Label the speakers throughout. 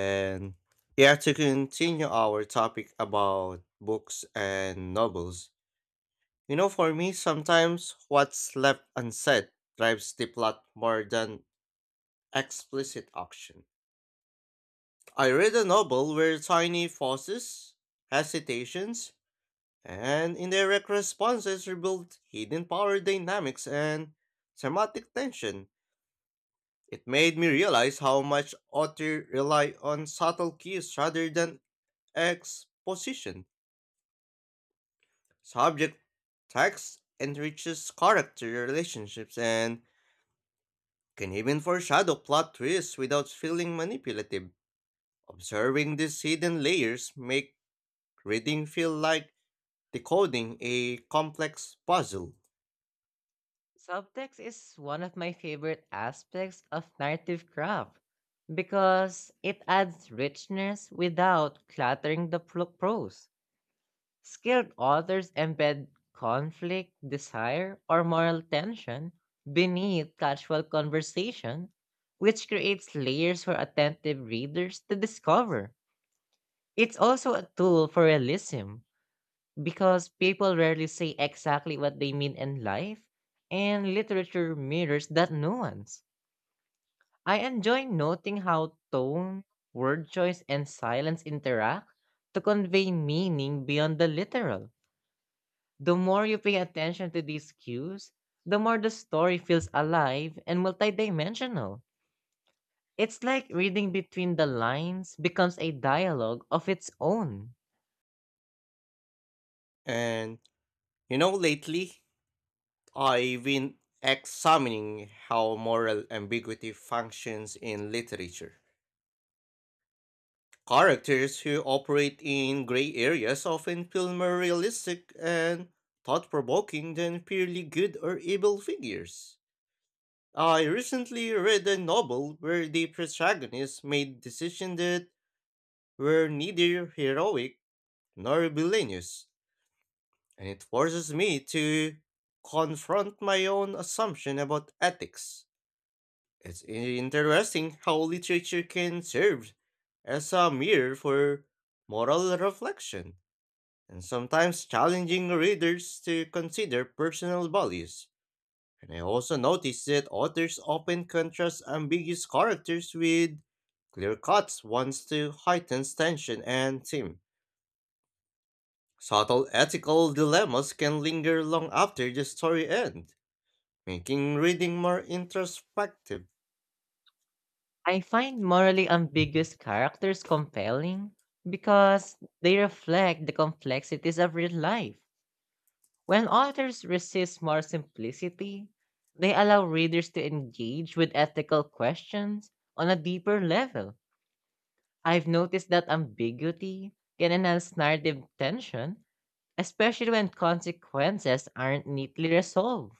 Speaker 1: And Yeah, to continue our topic about books and novels, for me, sometimes what's left unsaid drives the plot more than explicit action. I read a novel where tiny pauses, hesitations, and indirect responses revealed hidden power dynamics and thematic tension. It made me realize how much authors rely on subtle cues rather than exposition. Subject text enriches character relationships and can even foreshadow plot twists without feeling manipulative. Observing these hidden layers make reading feel like decoding a complex puzzle.
Speaker 2: Subtext is one of my favorite aspects of narrative craft because it adds richness without cluttering the prose. Skilled authors embed conflict, desire, or moral tension beneath casual conversation, which creates layers for attentive readers to discover. It's also a tool for realism, because people rarely say exactly what they mean in life, and literature mirrors that nuance. I enjoy noting how tone, word choice, and silence interact to convey meaning beyond the literal. The more you pay attention to these cues, the more the story feels alive and multidimensional. It's like reading between the lines becomes a dialogue of its own.
Speaker 1: And lately I've been examining how moral ambiguity functions in literature. Characters who operate in gray areas often feel more realistic and thought provoking than purely good or evil figures. I recently read a novel where the protagonist made decisions that were neither heroic nor villainous, and it forces me to confront my own assumption about ethics. It's interesting how literature can serve as a mirror for moral reflection and sometimes challenging readers to consider personal values. And I also noticed that authors often contrast ambiguous characters with clear cuts ones to heighten tension and theme. Subtle ethical dilemmas can linger long after the story ends, making reading more introspective.
Speaker 2: I find morally ambiguous characters compelling because they reflect the complexities of real life. When authors resist more simplicity, they allow readers to engage with ethical questions on a deeper level. I've noticed that ambiguity can enhance narrative tension, especially when consequences aren't neatly resolved.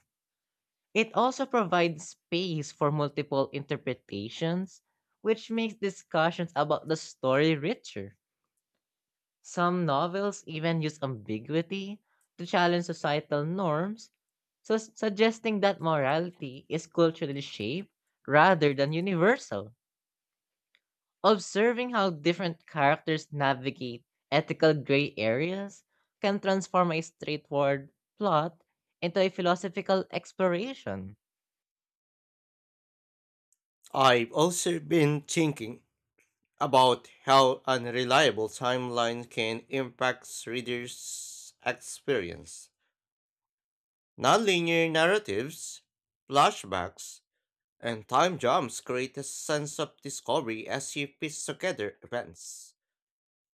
Speaker 2: It also provides space for multiple interpretations, which makes discussions about the story richer. Some novels even use ambiguity to challenge societal norms, so suggesting that morality is culturally shaped rather than universal. Observing how different characters navigate ethical gray areas can transform a straightforward plot into a philosophical exploration.
Speaker 1: I've also been thinking about how unreliable timelines can impact readers' experience. Nonlinear narratives, flashbacks, and time jumps create a sense of discovery as you piece together events.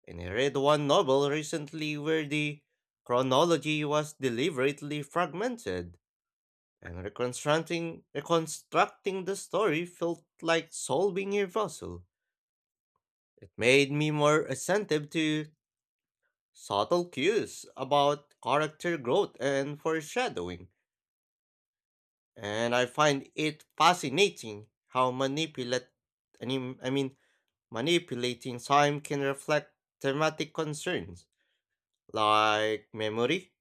Speaker 1: And I read one novel recently where the chronology was deliberately fragmented, and reconstructing the story felt like solving a puzzle. It made me more attentive to subtle cues about character growth and foreshadowing. And I find it fascinating how manipulate I mean, manipulating time can reflect thematic concerns like memory,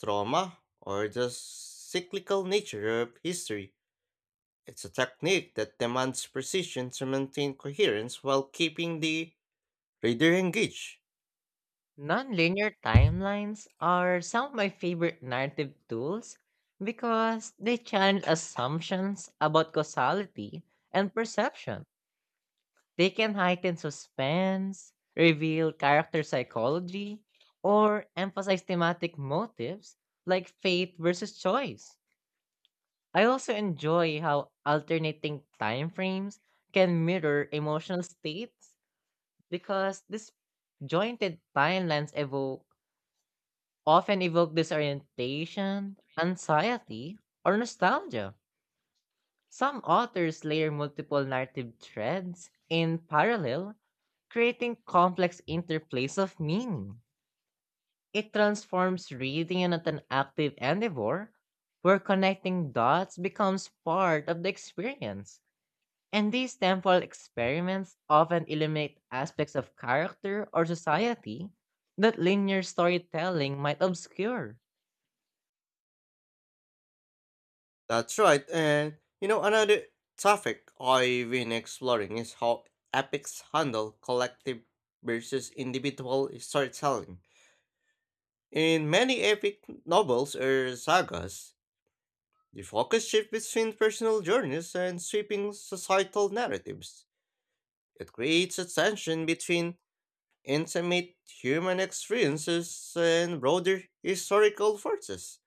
Speaker 1: trauma, or the cyclical nature of history. It's a technique that demands precision to maintain coherence while keeping the reader engaged.
Speaker 2: Nonlinear timelines are some of my favorite narrative tools because they challenge assumptions about causality and perception. They can heighten suspense, reveal character psychology, or emphasize thematic motives like fate versus choice. I also enjoy how alternating time frames can mirror emotional states because this jointed timelines evoke often evoke disorientation, anxiety, or nostalgia. Some authors layer multiple narrative threads in parallel, creating complex interplays of meaning. It transforms reading into an active endeavor where connecting dots becomes part of the experience. And these temporal experiments often illuminate aspects of character or society that linear storytelling might obscure.
Speaker 1: That's right, and another topic I've been exploring is how epics handle collective versus individual storytelling. In many epic novels or sagas, the focus shifts between personal journeys and sweeping societal narratives. It creates a tension between intimate human experiences and broader historical forces.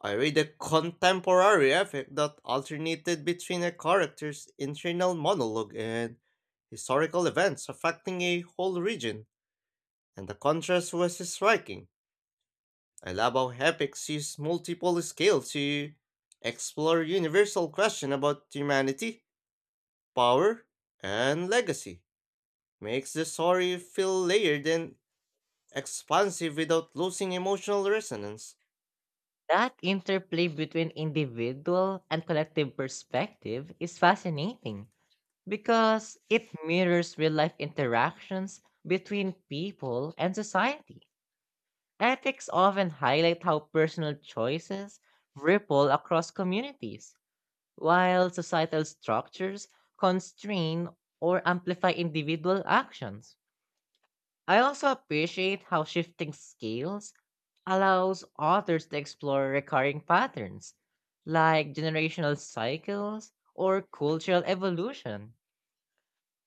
Speaker 1: I read a contemporary epic that alternated between a character's internal monologue and historical events affecting a whole region, and the contrast was striking. I love how epics use multiple scales to explore universal questions about humanity, power, and legacy. Makes the story feel layered and expansive without losing emotional resonance.
Speaker 2: That interplay between individual and collective perspective is fascinating because it mirrors real life interactions between people and society. Ethics often highlight how personal choices ripple across communities, while societal structures constrain or amplify individual actions. I also appreciate how shifting scales allows authors to explore recurring patterns like generational cycles or cultural evolution.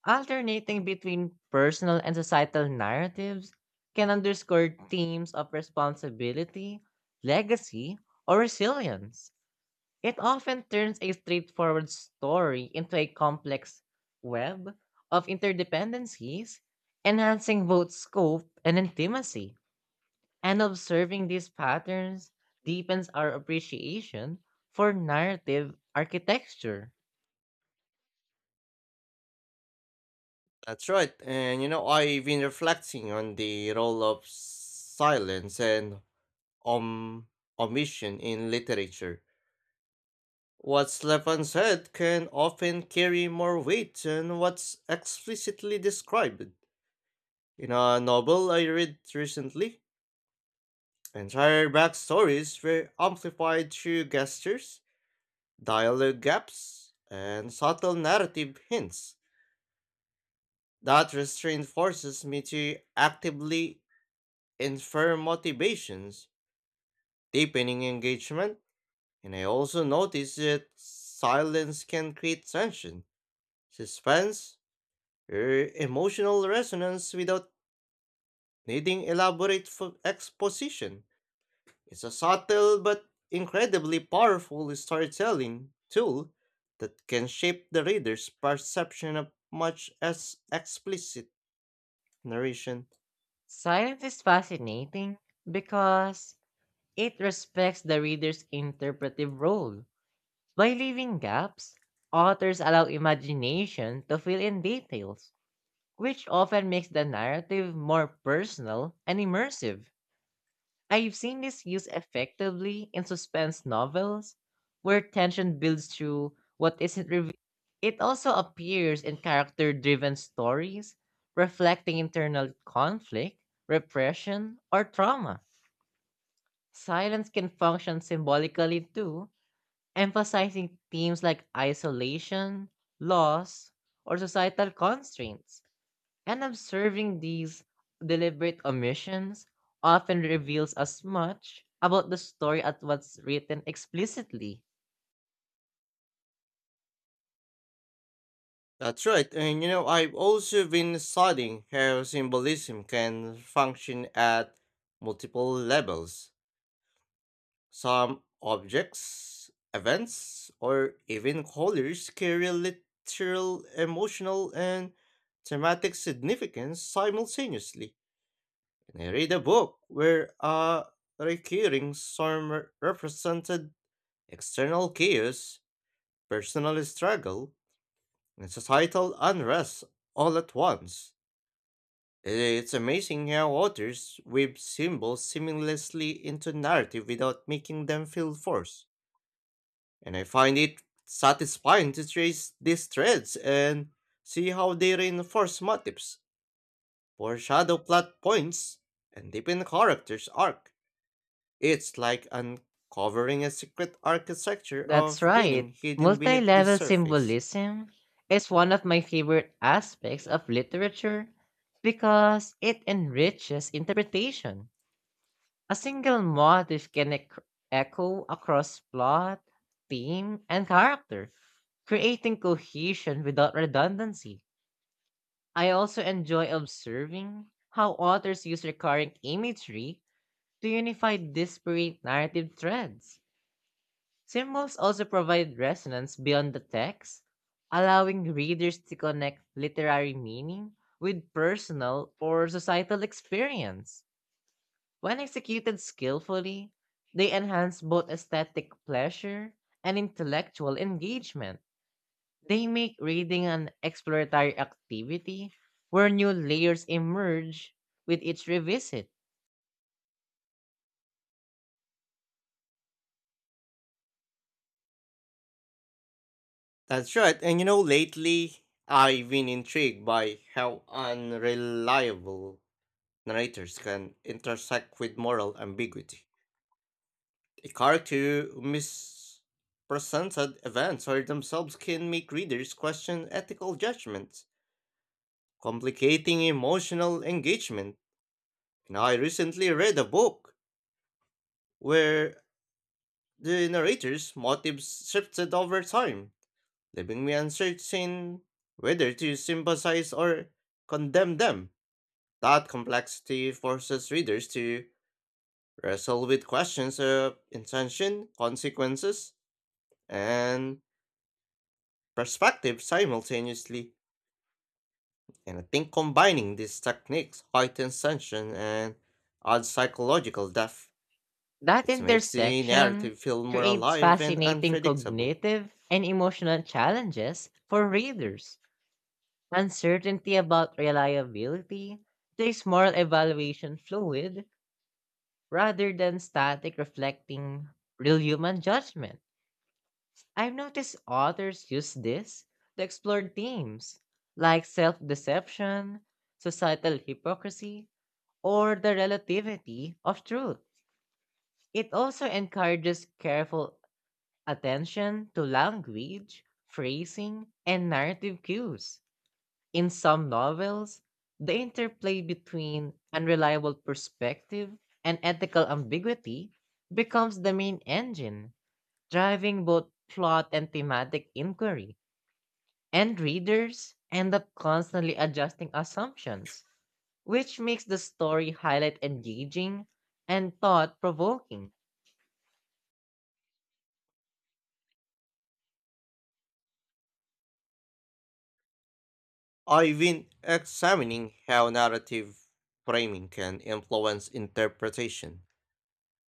Speaker 2: Alternating between personal and societal narratives can underscore themes of responsibility, legacy, or resilience. It often turns a straightforward story into a complex web of interdependencies, enhancing both scope and intimacy. And observing these patterns deepens our appreciation for narrative architecture.
Speaker 1: That's right. And I've been reflecting on the role of silence and om- omission in literature. What's left unsaid can often carry more weight than what's explicitly described. In a novel I read recently, entire backstories were amplified through gestures, dialogue gaps, and subtle narrative hints. That restraint forces me to actively and firm motivations, deepening engagement, and I also noticed that silence can create tension, suspense, or emotional resonance without needing elaborate exposition. It's a subtle but incredibly powerful storytelling tool that can shape the reader's perception of much as explicit narration.
Speaker 2: Silence is fascinating because it respects the reader's interpretive role. By leaving gaps, authors allow imagination to fill in details, which often makes the narrative more personal and immersive. I've seen this used effectively in suspense novels where tension builds through what isn't revealed. It also appears in character driven stories reflecting internal conflict, repression, or trauma. Silence can function symbolically too, emphasizing themes like isolation, loss, or societal constraints. And observing these deliberate omissions often reveals as much about the story as what's written explicitly.
Speaker 1: That's right, and I've also been studying how symbolism can function at multiple levels. Some objects, events, or even colors carry literal, emotional, and thematic significance simultaneously. And I read a book where a recurring storm represented external chaos, personal struggle, and societal unrest all at once. It's amazing how authors weave symbols seamlessly into narrative without making them feel forced. And I find it satisfying to trace these threads and see how they reinforce motifs, foreshadow plot points, and deepen characters' arc. It's like uncovering a secret architecture
Speaker 2: That's
Speaker 1: of meaning
Speaker 2: right.
Speaker 1: hidden
Speaker 2: Multi
Speaker 1: beneath the
Speaker 2: level
Speaker 1: surface.
Speaker 2: symbolism is one of my favorite aspects of literature because it enriches interpretation. A single motif can echo across plot, theme, and character, creating cohesion without redundancy. I also enjoy observing how authors use recurring imagery to unify disparate narrative threads. Symbols also provide resonance beyond the text, allowing readers to connect literary meaning with personal or societal experience. When executed skillfully, they enhance both aesthetic pleasure and intellectual engagement. They make reading an exploratory activity where new layers emerge with each revisit.
Speaker 1: That's right, and lately I've been intrigued by how unreliable narrators can intersect with moral ambiguity. A character who misrepresented events or themselves can make readers question ethical judgments, complicating emotional engagement. And I recently read a book where the narrator's motives shifted over time, leaving me uncertain whether to sympathize or condemn them. That complexity forces readers to wrestle with questions of intention, consequences, and perspective simultaneously. And I think combining these techniques heightens tension and adds psychological depth.
Speaker 2: That
Speaker 1: It makes the
Speaker 2: intersection
Speaker 1: narrative feel more
Speaker 2: creates
Speaker 1: alive and
Speaker 2: fascinating
Speaker 1: unpredictable.
Speaker 2: cognitive and emotional challenges for readers. Uncertainty about reliability plays moral evaluation fluid rather than static reflecting real human judgment. I've noticed authors use this to explore themes like self deception, societal hypocrisy, or the relativity of truth. It also encourages careful attention to language, phrasing, and narrative cues. In some novels, the interplay between unreliable perspective and ethical ambiguity becomes the main engine, driving both plot and thematic inquiry. And readers end up constantly adjusting assumptions, which makes the story highlight engaging and thought provoking.
Speaker 1: I've been examining how narrative framing can influence interpretation.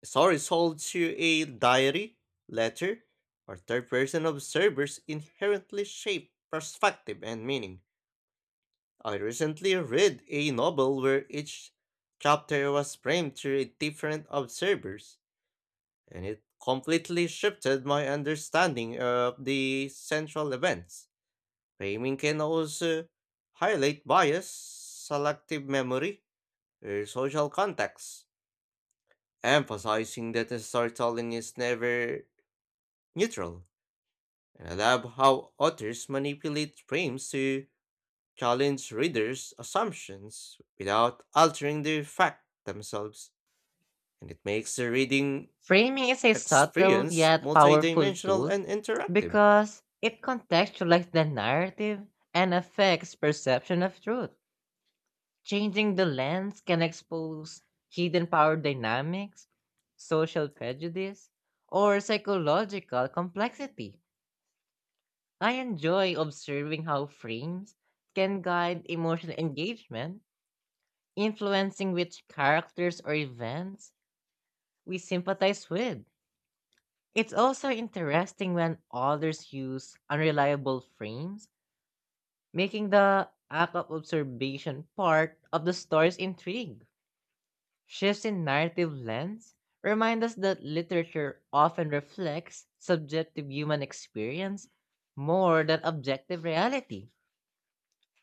Speaker 1: Story is told to a diary, letter, or third person observers inherently shape perspective and meaning. I recently read a novel where each chapter was framed through a different observers, and it completely shifted my understanding of the central events. Framing can also highlight bias, selective memory, or social context, emphasizing that storytelling is never neutral. And I love how authors manipulate frames to challenge readers' assumptions without altering the fact themselves, and it makes the reading
Speaker 2: Framing is a subtle
Speaker 1: experience
Speaker 2: yet powerful
Speaker 1: multidimensional
Speaker 2: tool
Speaker 1: and interactive.
Speaker 2: because it contextualizes the narrative and affects perception of truth. Changing the lens can expose hidden power dynamics, social prejudice, or psychological complexity. I enjoy observing how frames can guide emotional engagement, influencing which characters or events we sympathize with. It's also interesting when authors use unreliable frames, making the act of observation part of the story's intrigue. Shifts in narrative lens remind us that literature often reflects subjective human experience more than objective reality.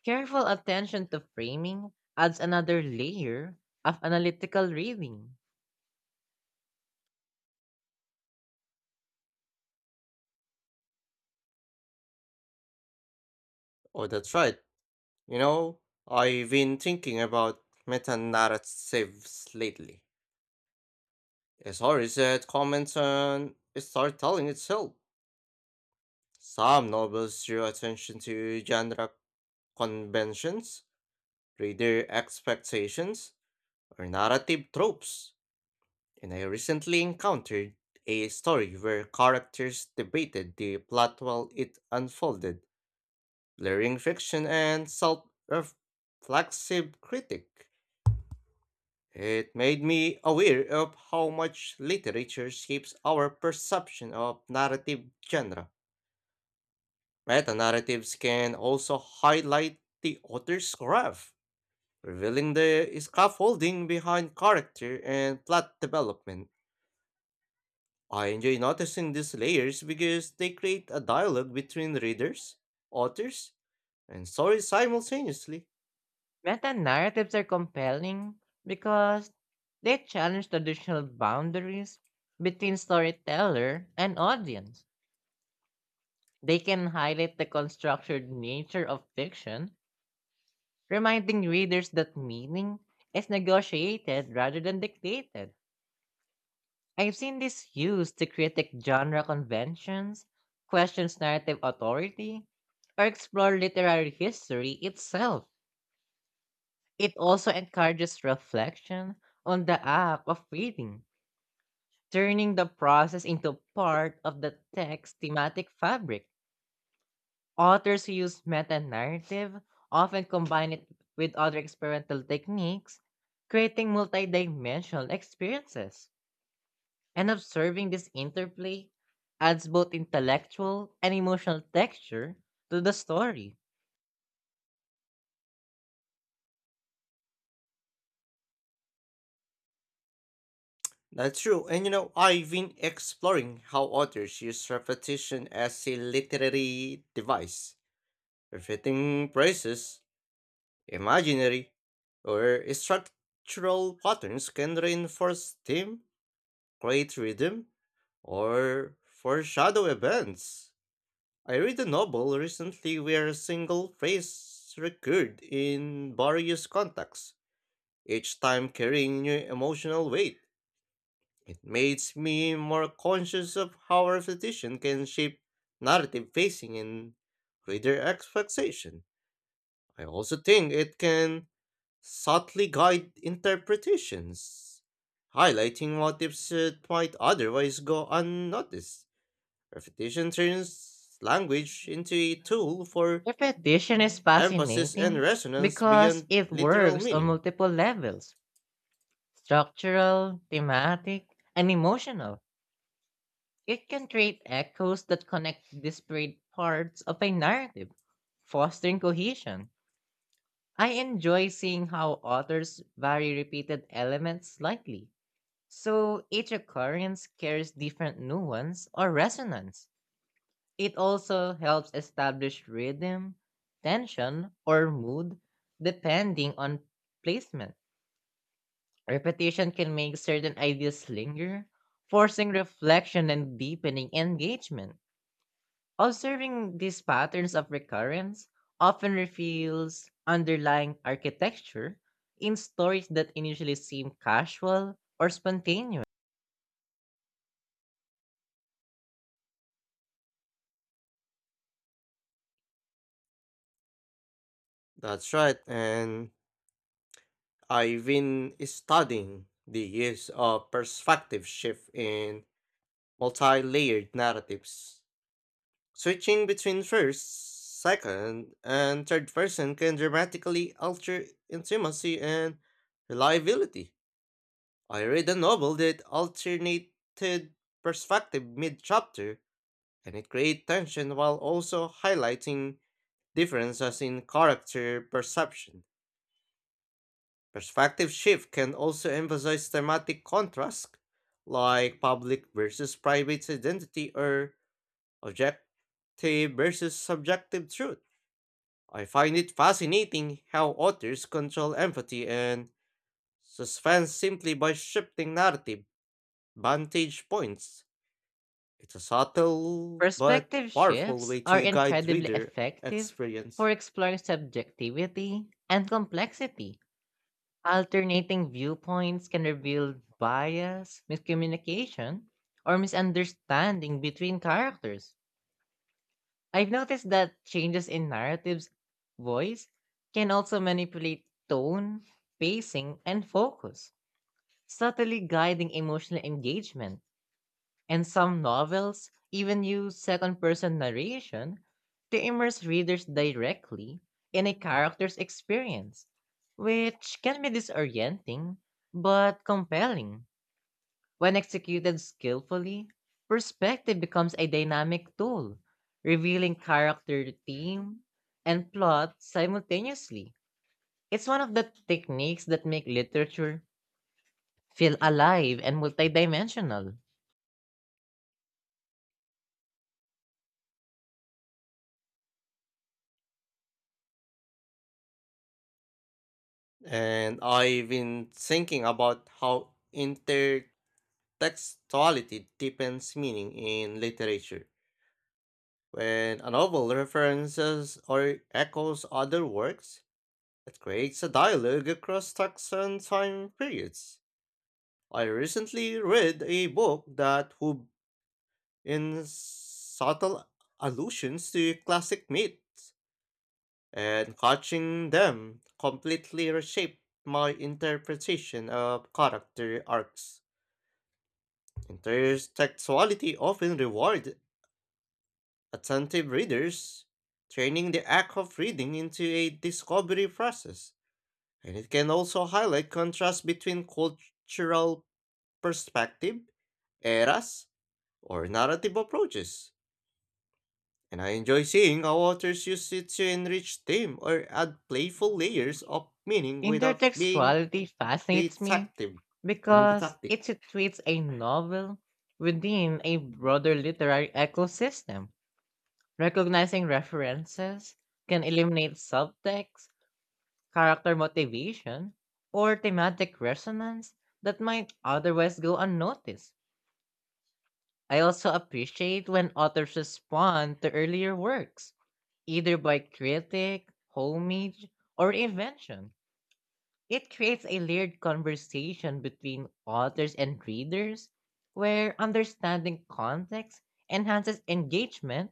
Speaker 2: Careful attention to framing adds another layer of analytical reading.
Speaker 1: Oh, that's right. You know, I've been thinking about meta-narratives lately. A story that comments on storytelling itself. Some novels draw attention to genre conventions, reader expectations, or narrative tropes, and I recently encountered a story where characters debated the plot while it unfolded, blurring fiction and self reflexive critique. It made me aware of how much literature shapes our perception of narrative genre. Meta narratives can also highlight the author's craft, revealing the scaffolding behind character and plot development. I enjoy noticing these layers because they create a dialogue between readers, authors, and stories simultaneously.
Speaker 2: Meta narratives are compelling because they challenge traditional boundaries between storyteller and audience. They can highlight the constructed nature of fiction, reminding readers that meaning is negotiated rather than dictated. I've seen this used to critique genre conventions, question narrative authority, or explore literary history itself. It also encourages reflection on the act of reading, turning the process into part of the text's thematic fabric. Authors who use meta narrative often combine it with other experimental techniques, creating multidimensional experiences. And observing this interplay adds both intellectual and emotional texture to the story.
Speaker 1: That's true, and I've been exploring how authors use repetition as a literary device, repeating phrases, imaginary, or structural patterns can reinforce theme, create rhythm, or foreshadow events. I read a novel recently where a single phrase recurred in various contexts, each time carrying new emotional weight. It makes me more conscious of how repetition can shape narrative pacing and reader expectation. I also think it can subtly guide interpretations, highlighting motifs that might otherwise go unnoticed. Repetition turns language into a tool for
Speaker 2: Repetition is
Speaker 1: emphasis and
Speaker 2: fascinating
Speaker 1: resonance
Speaker 2: because
Speaker 1: beyond
Speaker 2: it
Speaker 1: literal
Speaker 2: works on
Speaker 1: meaning.
Speaker 2: multiple levels: structural, thematic, and emotional. It can create echoes that connect disparate parts of a narrative, fostering cohesion. I enjoy seeing how authors vary repeated elements slightly, so each occurrence carries different nuance or resonance. It also helps establish rhythm, tension, or mood depending on placement. Repetition can make certain ideas linger, forcing reflection and deepening engagement. Observing these patterns of recurrence often reveals underlying architecture in stories that initially seem casual or spontaneous.
Speaker 1: That's right, and I've been studying the use of perspective shift in multi layered narratives. Switching between first, second, and third person can dramatically alter intimacy and reliability. I read a novel that alternated perspective mid chapter, and it created tension while also highlighting differences in character perception. Perspective shift can also emphasize thematic contrast, like public versus private identity or objective versus subjective truth. I find it fascinating how authors control empathy and suspense simply by shifting narrative vantage points. It's a subtle but
Speaker 2: Perspective
Speaker 1: powerful
Speaker 2: shifts
Speaker 1: way
Speaker 2: are
Speaker 1: to guide
Speaker 2: incredibly
Speaker 1: reader
Speaker 2: effective
Speaker 1: experience.
Speaker 2: for exploring subjectivity and complexity. Alternating viewpoints can reveal bias, miscommunication, or misunderstanding between characters. I've noticed that changes in narrative's voice can also manipulate tone, pacing, and focus, subtly guiding emotional engagement. And some novels even use second person narration to immerse readers directly in a character's experience, which can be disorienting but compelling. When executed skillfully, perspective becomes a dynamic tool, revealing character, theme, and plot simultaneously. It's one of the techniques that make literature feel alive and multidimensional.
Speaker 1: And I've been thinking about how intertextuality deepens meaning in literature. When a novel references or echoes other works, it creates a dialogue across texts and time periods. I recently read a book that wove in subtle allusions to classic myths, and catching them completely reshaped my interpretation of character arcs. Intersexuality often reward attentive readers, training the act of reading into a discovery process, and it can also highlight contrast between cultural perspective, eras, or narrative approaches. And I enjoy seeing how authors use it to enrich theme or add playful layers of meaning without being
Speaker 2: Intertextuality fascinates me
Speaker 1: detective. I mean,
Speaker 2: because
Speaker 1: detective.
Speaker 2: it situates a novel within a broader literary ecosystem. Recognizing references can eliminate subtext, character motivation, or thematic resonance that might otherwise go unnoticed. I also appreciate when authors respond to earlier works, either by critic, homage, or invention. It creates a layered conversation between authors and readers where understanding context enhances engagement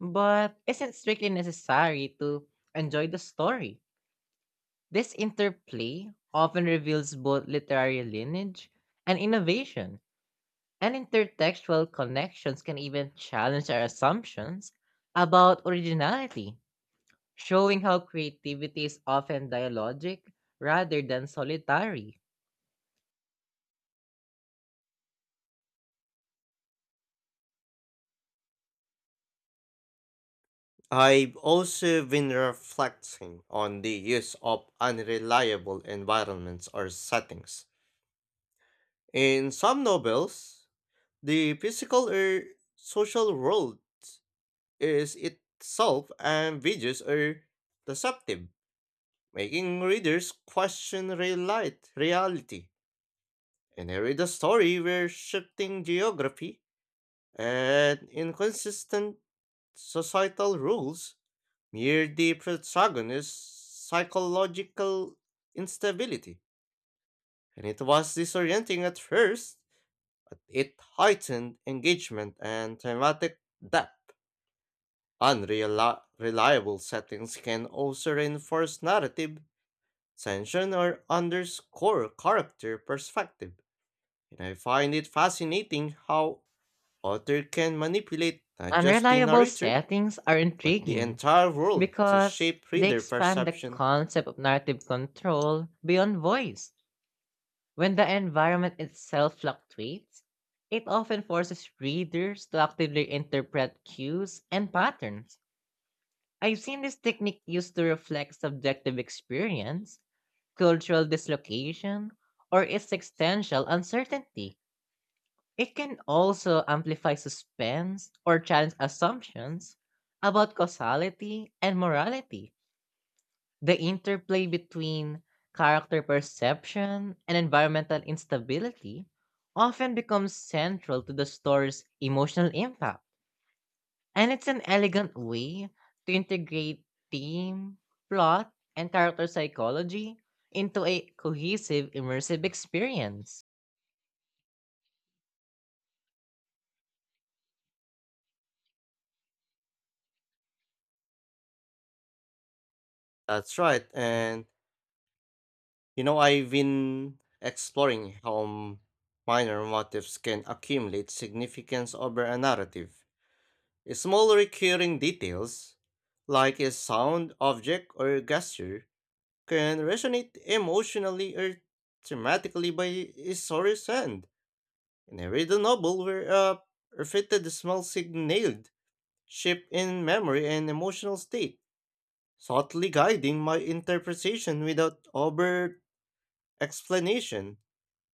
Speaker 2: but isn't strictly necessary to enjoy the story. This interplay often reveals both literary lineage and innovation, and intertextual connections can even challenge our assumptions about originality, showing how creativity is often dialogic rather than solitary.
Speaker 1: I've also been reflecting on the use of unreliable environments or settings. In some novels, the physical or social world is itself ambiguous or deceptive, making readers question reality. And I read a story where shifting geography and inconsistent societal rules near the protagonist's psychological instability, and it was disorienting at first, but it heightened engagement and thematic depth. Unreliable settings can also reinforce narrative tension or underscore character perspective, and I find it fascinating how author can manipulate not just the
Speaker 2: Unreliable
Speaker 1: narrator,
Speaker 2: settings are
Speaker 1: but the
Speaker 2: intriguing
Speaker 1: entire world to
Speaker 2: because
Speaker 1: shape
Speaker 2: they
Speaker 1: reader
Speaker 2: expand the
Speaker 1: perception.
Speaker 2: concept of narrative control beyond voice. When the environment itself fluctuates, it often forces readers to actively interpret cues and patterns. I've seen this technique used to reflect subjective experience, cultural dislocation, or existential uncertainty. It can also amplify suspense or challenge assumptions about causality and morality. The interplay between character perception and environmental instability often becomes central to the story's emotional impact, and it's an elegant way to integrate theme, plot, and character psychology into a cohesive, immersive experience.
Speaker 1: That's right, and I've been exploring how minor motifs can accumulate significance over a narrative. Small recurring details, like a sound, object, or gesture, can resonate emotionally or thematically by a story's end. And I read a novel where a repeated small signaled shape in memory and emotional state, subtly guiding my interpretation without overt explanation.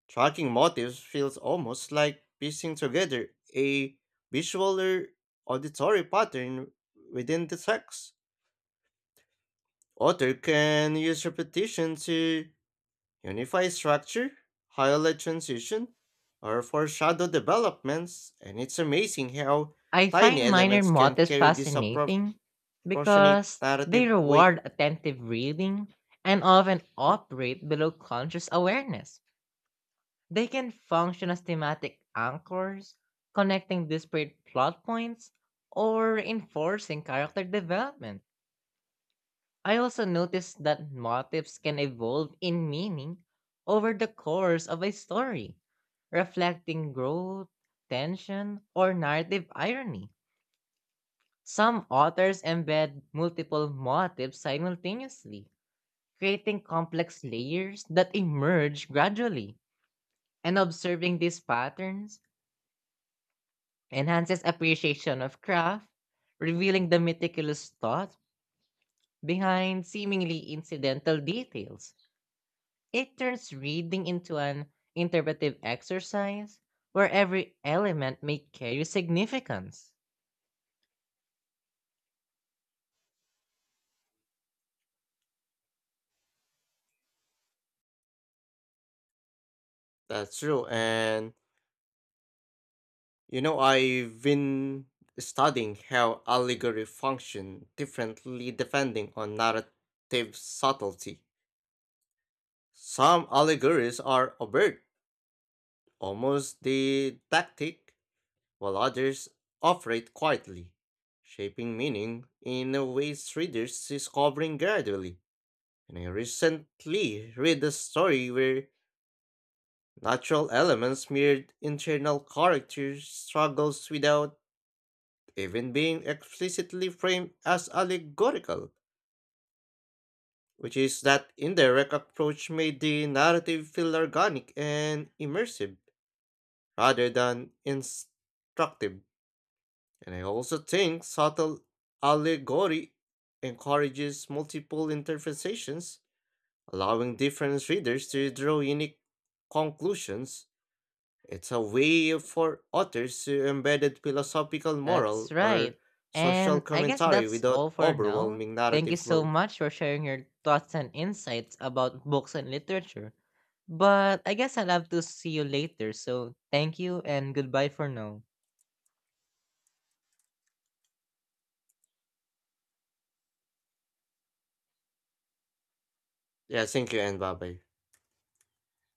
Speaker 1: Tracking motives feels almost like piecing together a visual or auditory pattern within the text. Author can use repetition to unify structure, highlight transition, or foreshadow developments, and it's amazing how
Speaker 2: I
Speaker 1: tiny
Speaker 2: find minor
Speaker 1: elements can
Speaker 2: motifs
Speaker 1: carry disproportionate
Speaker 2: fascinating because they
Speaker 1: narrative weight.
Speaker 2: reward attentive reading and often operate below conscious awareness. They can function as thematic anchors, connecting disparate plot points or enforcing character development. I also noticed that motifs can evolve in meaning over the course of a story, reflecting growth, tension, or narrative irony. Some authors embed multiple motifs simultaneously, creating complex layers that emerge gradually. And observing these patterns enhances appreciation of craft, revealing the meticulous thought behind seemingly incidental details. It turns reading into an interpretive exercise where every element may carry significance.
Speaker 1: That's true, and I've been studying how allegory function differently depending on narrative subtlety. Some allegories are overt, almost didactic, while others operate quietly, shaping meaning in a way readers discovering gradually. And I recently read a story where natural elements mirrored internal character struggles without even being explicitly framed as allegorical, which is that indirect approach made the narrative feel organic and immersive rather than instructive. And I also think subtle allegory encourages multiple interpretations, allowing different readers to draw unique conclusions. It's a way for authors to embed philosophical,
Speaker 2: That's
Speaker 1: moral, or
Speaker 2: right.
Speaker 1: social
Speaker 2: And I guess
Speaker 1: commentary
Speaker 2: that's
Speaker 1: without
Speaker 2: all for now.
Speaker 1: overwhelming
Speaker 2: Thank you
Speaker 1: narrative
Speaker 2: so
Speaker 1: flow.
Speaker 2: much for sharing your thoughts and insights about books and literature. But I guess I'll have to see you later. So thank you and goodbye for now.
Speaker 1: Yeah, thank you and bye bye.